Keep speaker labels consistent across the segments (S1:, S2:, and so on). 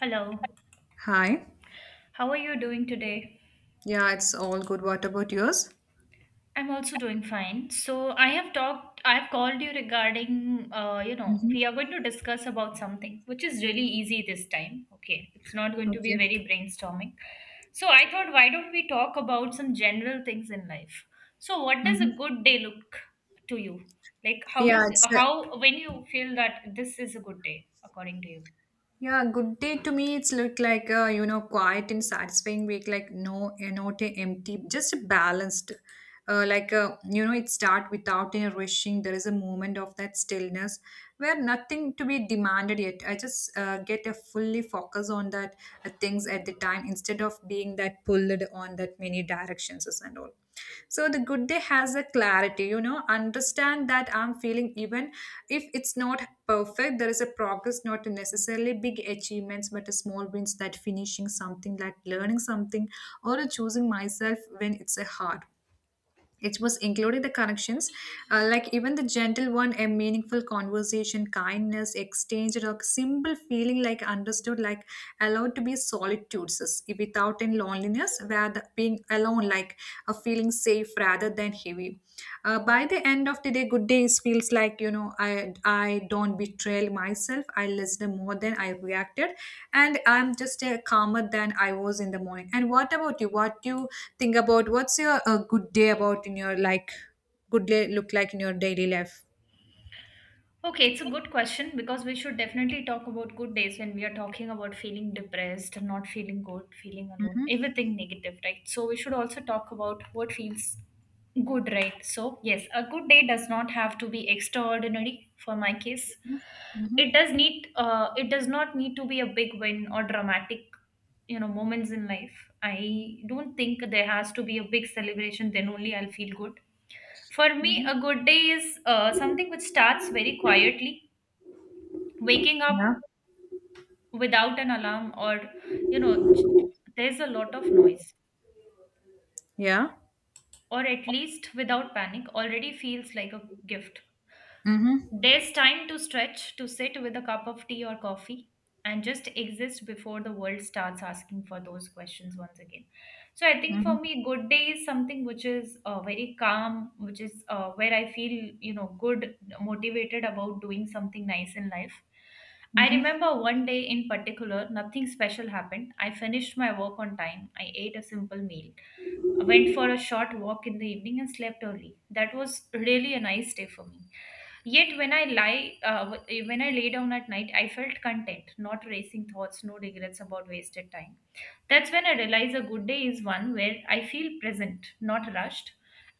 S1: Hello,
S2: Hi.
S1: how are you doing today?
S2: Yeah, it's all good. What about yours?
S1: I'm also doing fine. So I have talked, I have called you regarding,
S2: Hmm.
S1: we are going to discuss about something which is really easy this time. Okay, it's not going to be
S2: Okay.
S1: very brainstorming. So I thought, why don't we talk about some general things in life? So what does a
S2: Hmm.
S1: good day look to you? Like how
S2: Yeah,
S1: does, how, when you feel that this is a good day, according to you?
S2: yeah, good day to me. It's look like a quiet and satisfying week, like no, not a empty, just a balanced. Like it start without a rushing. There is a moment of that stillness where nothing to be demanded yet. I just get a fully focus on that things at the time instead of being that pulled on that many directions and all. So the good day has a clarity, understand that I'm feeling, even if it's not perfect. There is a progress, not necessarily big achievements but a small wins that finishing something like learning something or choosing myself when it's a hard. It was including the connections, like even the gentle one, a meaningful conversation, kindness exchange, or a simple feeling like understood, like allowed to be solitudes without any loneliness, where being alone like a feeling safe rather than heavy. By the end of the day, good days feels like, I don't betray myself, I listened more than I reacted, and I'm just calmer than I was in the morning. And what about you? What do you think about what's your good day about, in your like good day look like in your daily life?
S1: Okay, it's a good question because we should definitely talk about good days when we are talking about feeling depressed, not feeling good, feeling alone,
S2: Mm-hmm.
S1: everything negative, right? So we should also talk about what feels good, right? So, yes, a good day does not have to be extraordinary for my case.
S2: Mm-hmm.
S1: It does need it does not need to be a big win or dramatic, you know, moments in life. I don't think there has to be a big celebration then only I'll feel good. For me,
S2: Mm-hmm.
S1: a good day is something which starts very quietly, waking up
S2: Yeah.
S1: without an alarm or you know j- there's a lot of noise,
S2: Yeah.
S1: or at least without panic, already feels like a gift.
S2: Mm-hmm.
S1: There's time to stretch, to sit with a cup of tea or coffee, and just exist before the world starts asking for those questions once again. So, I think
S2: Mm-hmm.
S1: for me, good day is something which is very calm, which is where I feel, you know, good, motivated about doing something nice in life. I
S2: Mm-hmm.
S1: remember one day in particular, nothing special happened. I finished my work on time, I ate a simple meal, went for a short walk in the evening and slept early. That was really a nice day for me. Yet when I lie, when I lay down at night, I felt content, not racing thoughts, no regrets about wasted time. That's when I realize a good day is one where I feel present, not rushed,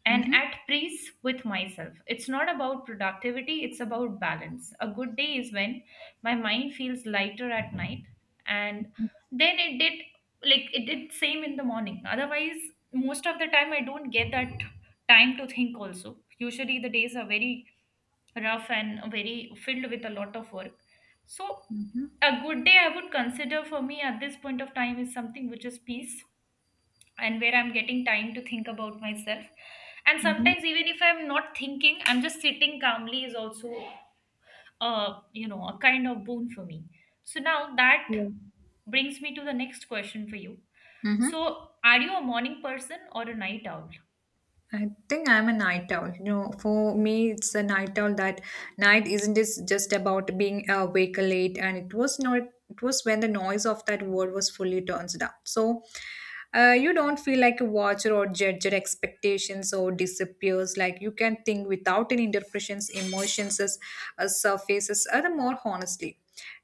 S1: and
S2: Mm-hmm.
S1: at peace with myself. It's not about productivity, it's about balance. A good day is when my mind feels lighter at night, and then it did, like it did same in the morning. Otherwise, most of the time I don't get that time to think also. Usually the days are very rough and very filled with a lot of work. So
S2: Mm-hmm.
S1: a good day I would consider for me at this point of time is something which is peace and where I'm getting time to think about myself. And
S2: Mm-hmm.
S1: sometimes even if I'm not thinking, I'm just sitting calmly is also you know, a kind of boon for me. So now that
S2: Yeah.
S1: brings me to the next question for you.
S2: Mm-hmm.
S1: So, are you a morning person or a night owl?
S2: I think I'm a night owl. You know, for me, it's a night owl that night isn't this just about being awake late, and it was not. It was when the noise of that world was fully turns down. So, you don't feel like a watcher or judge, your expectations or disappears. Like you can think without any interpretations, emotions as surfaces, or the more honestly.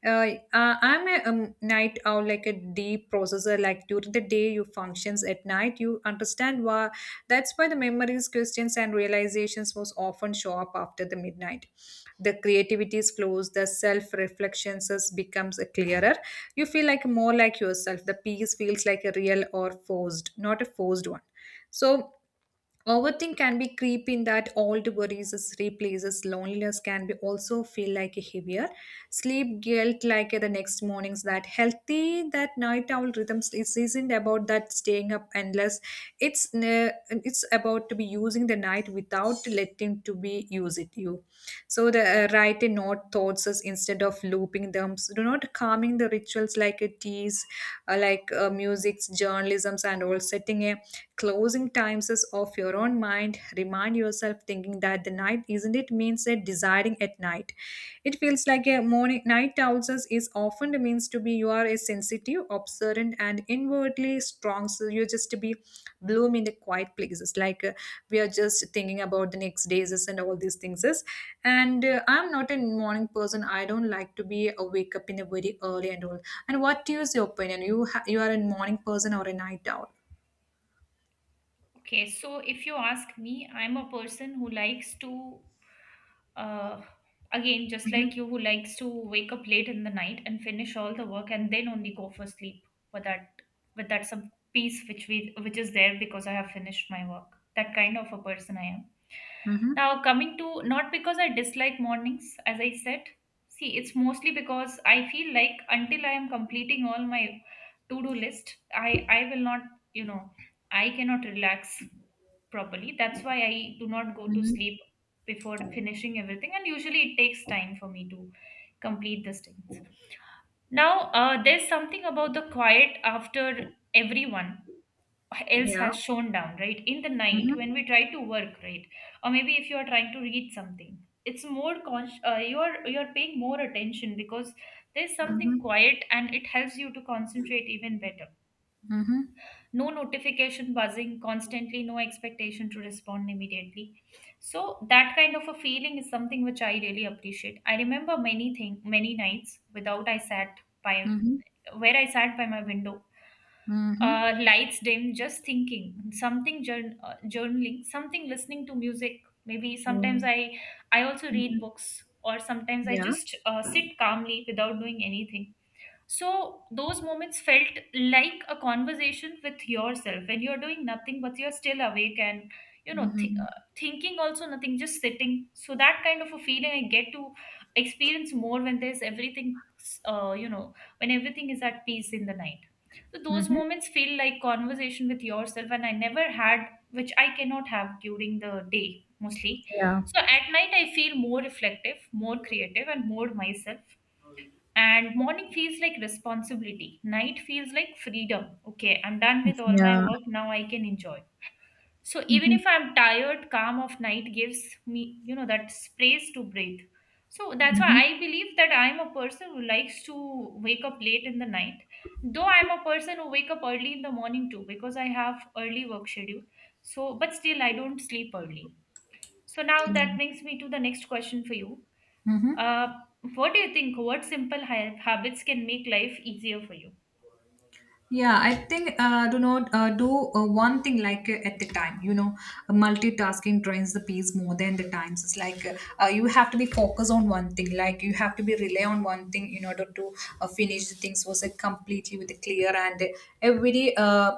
S2: I'm a night owl, like a deep processor. Like during the day, you functions at night. You understand why that's why the memories, questions, and realizations most often show up after the midnight. The creativity flows, the self-reflections becomes clearer. You feel like more like yourself. The peace feels like a real or forced, not a forced one. So overthink can be creep in that old worries is replaces, loneliness can be also feel like a heavier sleep guilt, like the next mornings that healthy, that night owl rhythms is isn't about that staying up endless. It's about to be using the night without letting to be use it you. So the write a note thoughts is instead of looping them. So do not calming the rituals like a tease, like music's journalisms and all, setting a closing times is of your own mind, remind yourself thinking that the night isn't it means that desiring at night, it feels like a morning. Night owls is often the means to be, you are a sensitive, observant, and inwardly strong, so you just to be bloom in the quiet places like we are just thinking about the next days is and all these things is. And I'm not a morning person, I don't like to be awake up in a very early and all. And what is your opinion, you are a morning person or a night owl?
S1: Okay, so if you ask me, I'm a person who likes to, uh, again, just like
S2: Mhm.
S1: you, who likes to wake up late in the night and finish all the work and then only go for sleep for that, with that some peace which we which is there because I have finished my work. That kind of a person I am.
S2: Mhm.
S1: Now coming to, not because I dislike mornings, as I said. See, it's mostly because I feel like until I am completing all my to-do list, I will not, you know, I cannot relax properly. That's why I do not go to
S2: Mhm.
S1: sleep before finishing everything, and usually it takes time for me to complete these things. Now, there's something about the quiet after everyone else
S2: Yeah.
S1: has shone down, right? In the night,
S2: Mhm.
S1: when we try to work, right, or maybe if you are trying to read something, it's more conscious. You're paying more attention because there's something
S2: Mhm.
S1: quiet, and it helps you to concentrate even better.
S2: Mhm.
S1: No notification buzzing constantly, no expectation to respond immediately, so that kind of a feeling is something which I really appreciate. I remember many nights without I sat by
S2: Mhm.
S1: where I sat by my window,
S2: Mhm.
S1: lights dim, just thinking something, journaling something, listening to music. Maybe sometimes
S2: Mhm.
S1: I also read
S2: Mhm.
S1: books, or sometimes I
S2: Yeah.
S1: just sit calmly without doing anything. So those moments felt like a conversation with yourself when you're doing nothing, but you're still awake and you know th-
S2: Mhm.
S1: uh, thinking also nothing, just sitting. So that kind of a feeling I get to experience more when there's everything, when everything is at peace in the night. So those
S2: Mhm.
S1: moments feel like conversation with yourself, and I never had, which I cannot have during the day mostly.
S2: Yeah.
S1: So at night I feel more reflective, more creative, and more myself, and morning feels like responsibility, night feels like freedom. Okay, I'm done with all my
S2: Yeah.
S1: work, now I can enjoy. So even
S2: Mhm.
S1: if I'm tired, calm of night gives me, you know, that space to breathe. So that's why
S2: Mhm.
S1: I believe that I'm a person who likes to wake up late in the night, though I'm a person who wake up early in the morning too because I have early work schedule. So but still I don't sleep early. So now that brings me to the next question for you.
S2: Mhm.
S1: uh, what do you think? What habits can make life easier for you?
S2: Yeah, I think do not do one thing like at the time. Multitasking drains the peace more than the times. It's like you have to be focused on one thing. Like you have to be rely on one thing in order to finish the things was completely with a clear, and every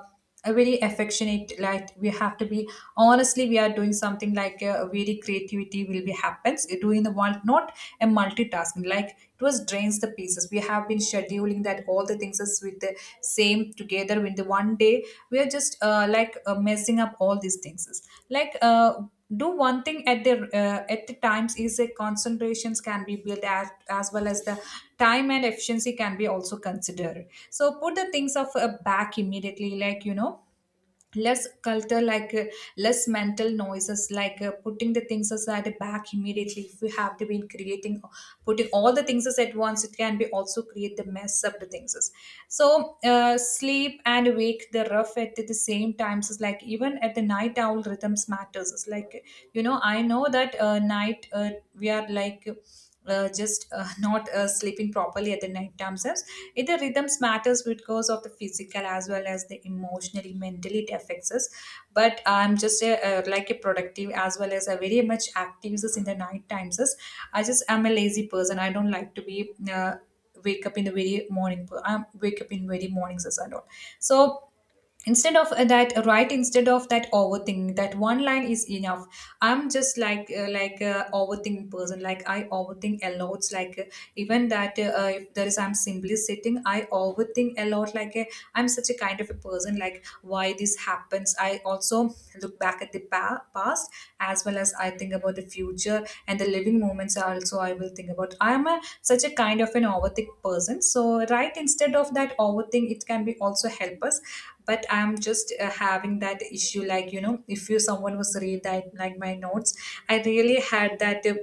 S2: a very affectionate, like we have to be honestly, we are doing something like very creativity will be happens doing the one, not a multitasking, like it was drains the pieces. We have been scheduling that all the things is with the same together in the one day. We are just like messing up all these things is, like do one thing at the times is. A concentrations can be built as well as the time and efficiency can be also considered. So put the things of back immediately, like less culture, like less mental noises, like putting the things aside back immediately. If we have to be creating putting all the things at once, it can be also create the mess of the things. So sleep and wake the rough at the same times is, like even at the night owl rhythms matters. It's like, I know that night we are like just not sleeping properly at the night times. It the rhythms matters because of the physical as well as the emotionally mentally it affects us. But I'm just like a productive as well as a very much active is in the night times is. I just am a lazy person, I don't like to be wake up in the very morning, I wake up in very mornings as I don't, so instead of that overthinking, that one line is enough. I'm just like a overthinking person, like I overthink a lot, like even that if there is I'm simply sitting, I overthink a lot, like I'm such a kind of a person like why this happens. I also look back at the past, past, as well as I think about the future, and the living moments also I will think about. I am a such a kind of an overthink person, so right instead of that overthink, it can be also help us. But I'm just having that issue, like if you someone was read that like my notes, I really had that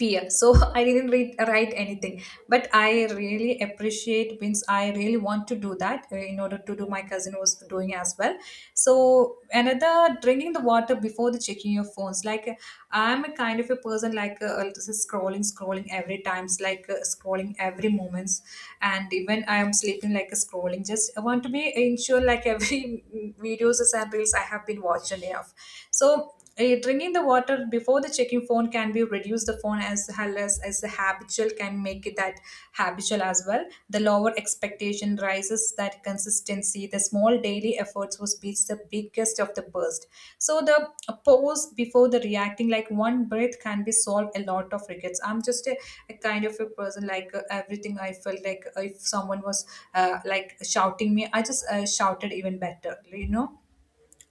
S2: fear, so I didn't write anything. But I really appreciate, means I really want to do that in order to do my cousin was doing as well. So another, drinking the water before the checking your phones, like I'm a kind of a person like this is scrolling every times, like scrolling every moments, and even I am sleeping like a scrolling, just I want to be ensure like every videos and reels I have been watching enough. So drinking the water before the checking phone can be reduce the phone, as well as the habitual can make it that habitual as well. The lower expectation rises that consistency. The small daily efforts was be the biggest of the burst. So the pause before the reacting, like one breath can be solve a lot of regrets. I'm just a kind of a person like everything I felt, like if someone was like shouting me, I just shouted even better. You know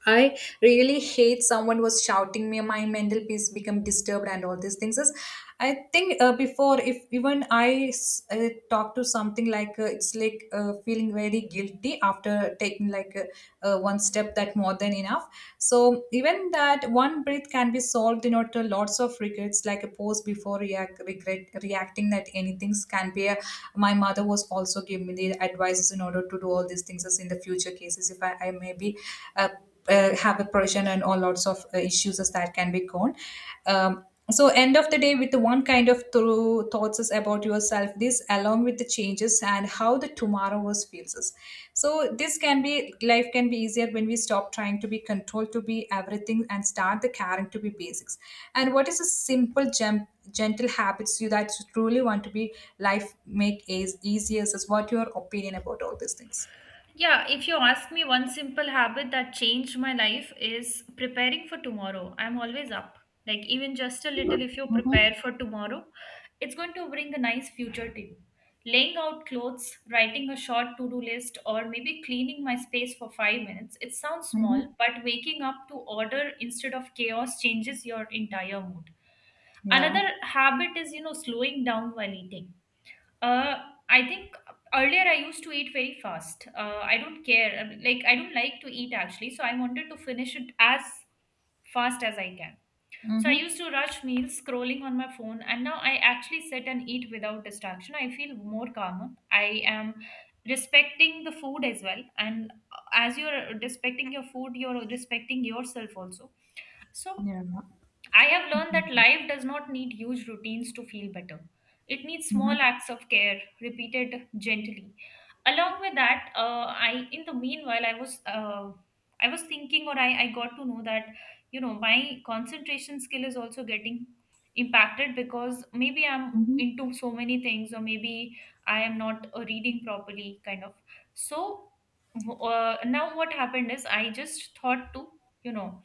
S2: I really hate someone was shouting me. My mental peace become disturbed and all these things, is I think before, if even I talk to something, like it's like feeling very guilty after taking, like one step, that more than enough. So even that one breath can be solved in order lots of regrets, like a pause before reacting that anything can be a. My mother was also giving me the advices in order to do all these things as in the future cases, if I may be uh, have oppression and all lots of issues, as that can be gone. So end of the day with the one kind of through thoughts is about yourself, this along with the changes and how the tomorrow was feels us. So this can be life can be easier when we stop trying to be controlled to be everything and start the caring to be basics. And what is a simple gentle habits you that you truly want to be, life make is easier is, what your opinion about all these things?
S1: Yeah, if you ask me, one simple habit that changed my life is preparing for tomorrow. I'm always up. Like, even just a little, if you prepare for tomorrow, it's going to bring a nice future to you. Laying out clothes, writing a short to do list, or maybe cleaning my space for 5 minutes. It sounds
S2: Hmm.
S1: small, but waking up to order instead of chaos changes your entire mood.
S2: Yeah.
S1: Another habit is, you know, slowing down while eating. uh I think earlier I used to eat very fast. I don't care, I mean, like I don't like to eat actually, so I wanted to finish it as fast as I can. So I
S2: Hmm.
S1: used to rush meals scrolling on my phone, and now I actually sit and eat without distraction. I feel more calmer, I am respecting the food as well, and as you're respecting your food, you're respecting yourself also. So
S2: Yeah.
S1: I have learned that life does not need huge routines to feel better. It needs small
S2: Mm-hmm.
S1: acts of care, repeated gently. Along with that, I in the meanwhile, I was thinking, or I got to know that, you know, my concentration skill is also getting impacted because maybe I'm
S2: Mm-hmm.
S1: into so many things, or maybe I am not reading properly, kind of. So now what happened is I just thought to, you know,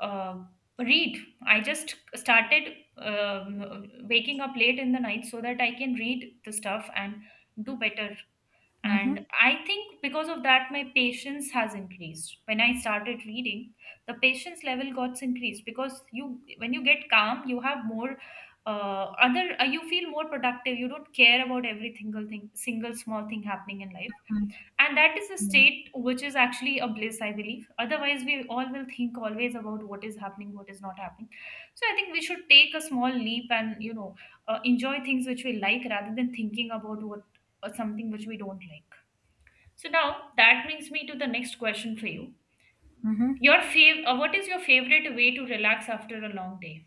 S1: uh, read. I just started waking up late in the night so that I can read the stuff and do better.
S2: Mm-hmm.
S1: And I think because of that, my patience has increased. When I started reading, the patience level got increased because you, when you get calm, you have more. Other You feel more productive, you don't care about every single thing, single small thing happening in life, and that is a state which is actually a bliss, I believe. Otherwise we all will think always about what is happening, what is not happening. So I think we should take a small leap and, you know, enjoy things which we like rather than thinking about what, something which we don't like. So now that brings me to the next question for you.
S2: Mm-hmm.
S1: What is your favorite way to relax after a long day?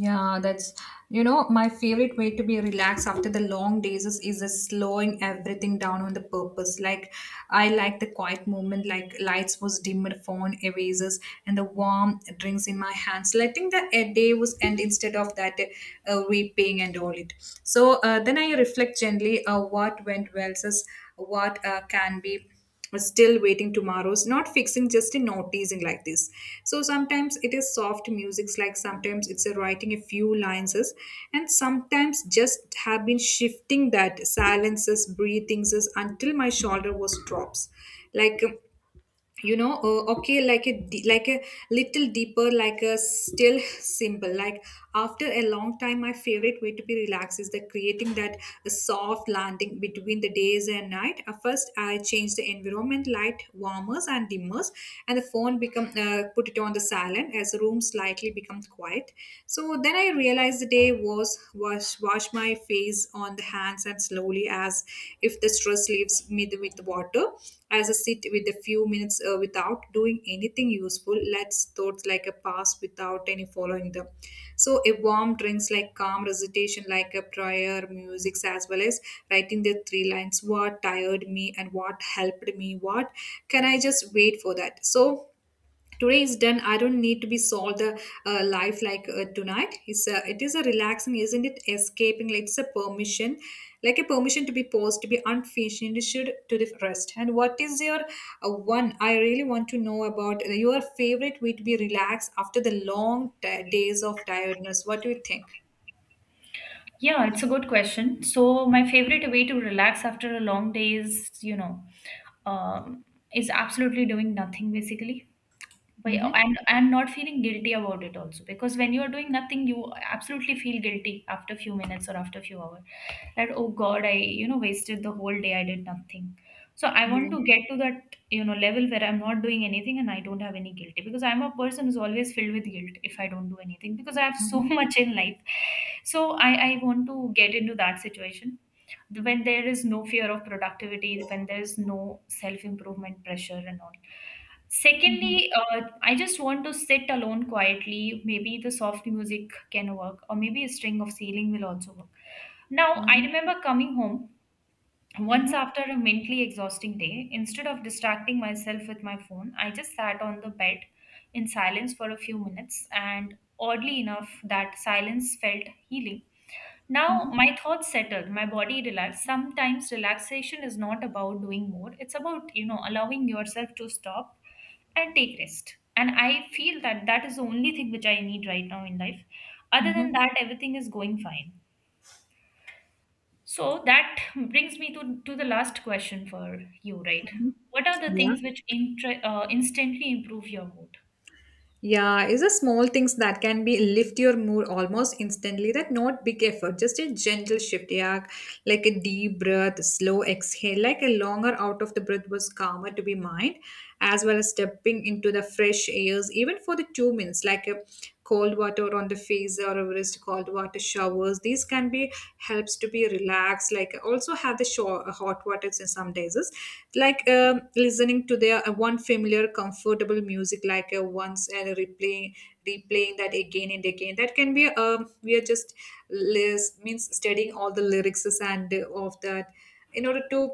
S2: Yeah, that's, my favorite way to be relaxed after the long days is just slowing everything down on the purpose. Like I like the quiet moment, like lights was dimmed, phone erasers, and the warm drinks in my hands, letting the day was end instead of that weeping and all it. So then I reflect gently what went well, says what can be. Still waiting tomorrow's not fixing, just a noticing like this. So sometimes it is soft musics, like sometimes it's a writing a few lines, and sometimes just have been shifting that silences breathings until my shoulder was drops. Like okay, like a like a little deeper, like a still simple. Like after a long time my favorite way to be relaxed is the creating that soft landing between the days and night. First I change the environment light warmers and dimmers, and the phone become put it on the silent as the room slightly becomes quiet. So then I realized the day was wash my face on the hands and slowly as if the stress leaves me with water. As I sit with a few minutes without doing anything useful, lets thoughts like a pass without any following them. So a warm drinks like calm recitation like a prayer, music, as well as writing the three lines, what tired me and what helped me, what can I just wait for that? So today is done, I don't need to be solved the life. Like tonight it is a relaxing, isn't it escaping, like it's a permission, like a permission to be paused, to be unfinished, to the rest. And what is your one, I really want to know about your favorite way to be relaxed after the long days of tiredness. What do you think?
S1: Yeah, it's a good question. So my favorite way to relax after a long day is, you know, um, is absolutely doing nothing basically. But yeah,
S2: Mm-hmm.
S1: and not feeling guilty about it also, because when you are doing nothing, you absolutely feel guilty after few minutes or after few hours. That, oh God, I, you know, wasted the whole day. I did nothing. So I want
S2: Yeah.
S1: to get to that, you know, level where I'm not doing anything and I don't have any guilty, because I'm a person who's always filled with guilt if I don't do anything because I have so
S2: Mm-hmm.
S1: much in life. So I want to get into that situation when there is no fear of productivity, when there's no self improvement pressure and all.
S2: Mm-hmm.
S1: Secondly, I just want to sit alone quietly, maybe the soft music can work, or maybe a string of ceiling will also work. Now I
S2: Mm-hmm.
S1: remember coming home once,
S2: Mm-hmm.
S1: after a mentally exhausting day, instead of distracting myself with my phone, I just sat on the bed in silence for a few minutes, and oddly enough, that silence felt healing. Now,
S2: Mm-hmm.
S1: my thoughts settled, my body relaxed. Sometimes relaxation is not about doing more, it's about, you know, allowing yourself to stop and take rest. And I feel that that is the only thing which I need right now in life. Other than
S2: Mm-hmm.
S1: that, everything is going fine. So that brings me to the last question for you, right?
S2: Mm-hmm.
S1: What are the
S2: Yeah.
S1: things which instantly improve your mood?
S2: Yeah, it's the small things that can be lift your mood almost instantly. That not big effort, just a gentle shift. Yeah, like a deep breath, slow exhale, like a longer out of the breath was calmer to be mind, as well as stepping into the fresh airs, even for the 2 minutes, like a cold water on the face or wrist, cold water showers. These can be helps to be relaxed. Like also have the show hot water in some days. Is like listening to their one familiar, comfortable music, like once and replaying that again and again. That can be we are just list means studying all the lyrics and of that in order to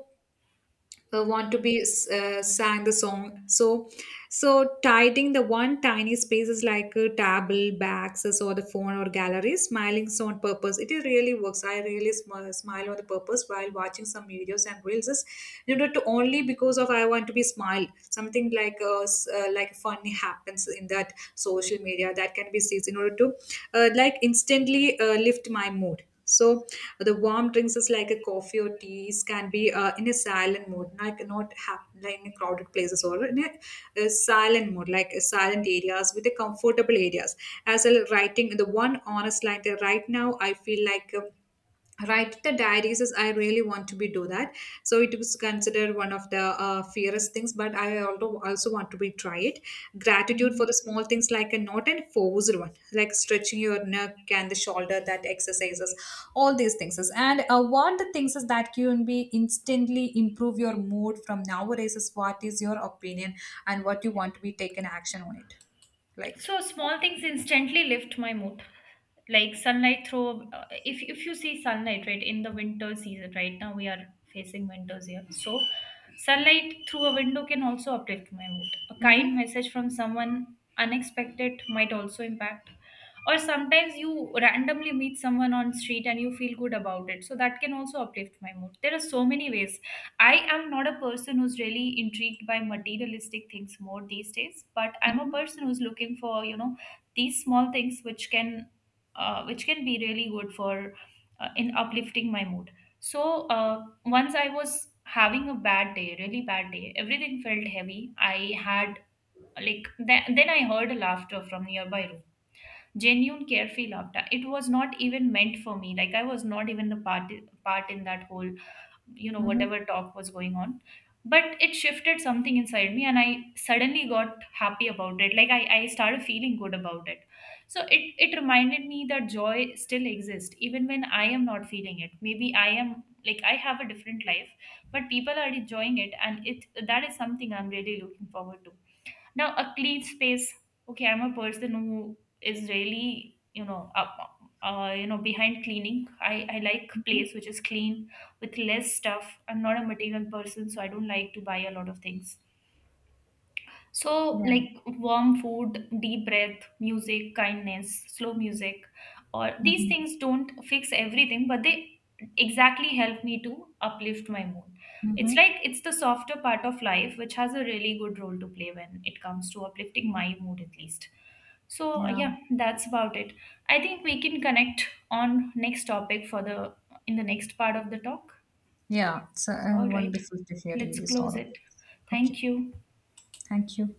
S2: want to be sang the song. So tidying the one tiny spaces like a table bags or the phone or gallery, smiling so on purpose it is really works. I really smile on the purpose while watching some videos and reels is to only because of I want to be smile something like like funny happens in that social media that can be seen in order to like instantly lift my mood. So the warm drinks is like a coffee or teas can be in a silent mode, like not happen like in crowded places or in a silent mode, like a silent areas with a comfortable areas. As well, writing the one honest line that right now I feel like. Write the diaries is I really want to be do that, so it was considered one of the fierce things. But I also want to be try it, gratitude for
S1: Mm-hmm.
S2: the small things like a not and forced one, like stretching your neck and the shoulder that exercises. All these things is. And what the things is that can be instantly improve your mood from nowadays is, what is your opinion, and what you want to be taken action on it? Like,
S1: So small things instantly lift my mood. Like sunlight through, if you see sunlight right in the winter season, right now we are facing winters here. So sunlight through a window can also uplift my mood. A kind
S2: mm-hmm,
S1: message from someone unexpected might also impact. Or sometimes you randomly meet someone on street and you feel good about it. So that can also uplift my mood. There are so many ways. I am not a person who's really intrigued by materialistic things more these days, but I'm a
S2: mm-hmm,
S1: person who's looking for, you know, these small things which can be really good for, in uplifting my mood. So once I was having a bad day, really bad day, everything felt heavy. I had, then I heard a laughter from nearby room. Genuine carefree laughter. It was not even meant for me. Like I was not even the part in that whole, you know,
S2: mm-hmm,
S1: whatever talk was going on, but it shifted something inside me and I suddenly got happy about it. I started feeling good about it. So it reminded me that joy still exists even when I am not feeling it. Maybe I am, like I have a different life, but people are enjoying it, and it, that is something I'm really looking forward to. Now, a clean space. Okay, I'm a person who is really, you know, up, behind cleaning. I like
S2: mm-hmm.
S1: place which is clean with less stuff. I'm not a material person, so I don't like to buy a lot of things. So,
S2: Yeah.
S1: like warm food, deep breath, music, kindness, slow music, or these
S2: Mm-hmm,
S1: things don't fix everything, but they exactly help me to uplift my mood.
S2: mm-hmm,
S1: It's like it's the softer part of life which has a really good role to play when it comes to uplifting my mood, at least. So,
S2: yeah.
S1: yeah, that's about it. I think we can connect on next topic for the, in the next part of the talk.
S2: Yeah, it's
S1: All right,
S2: wonderful to hearing
S1: let's
S2: this all
S1: close
S2: of
S1: it.
S2: this. Okay,
S1: Thank you.
S2: thank you.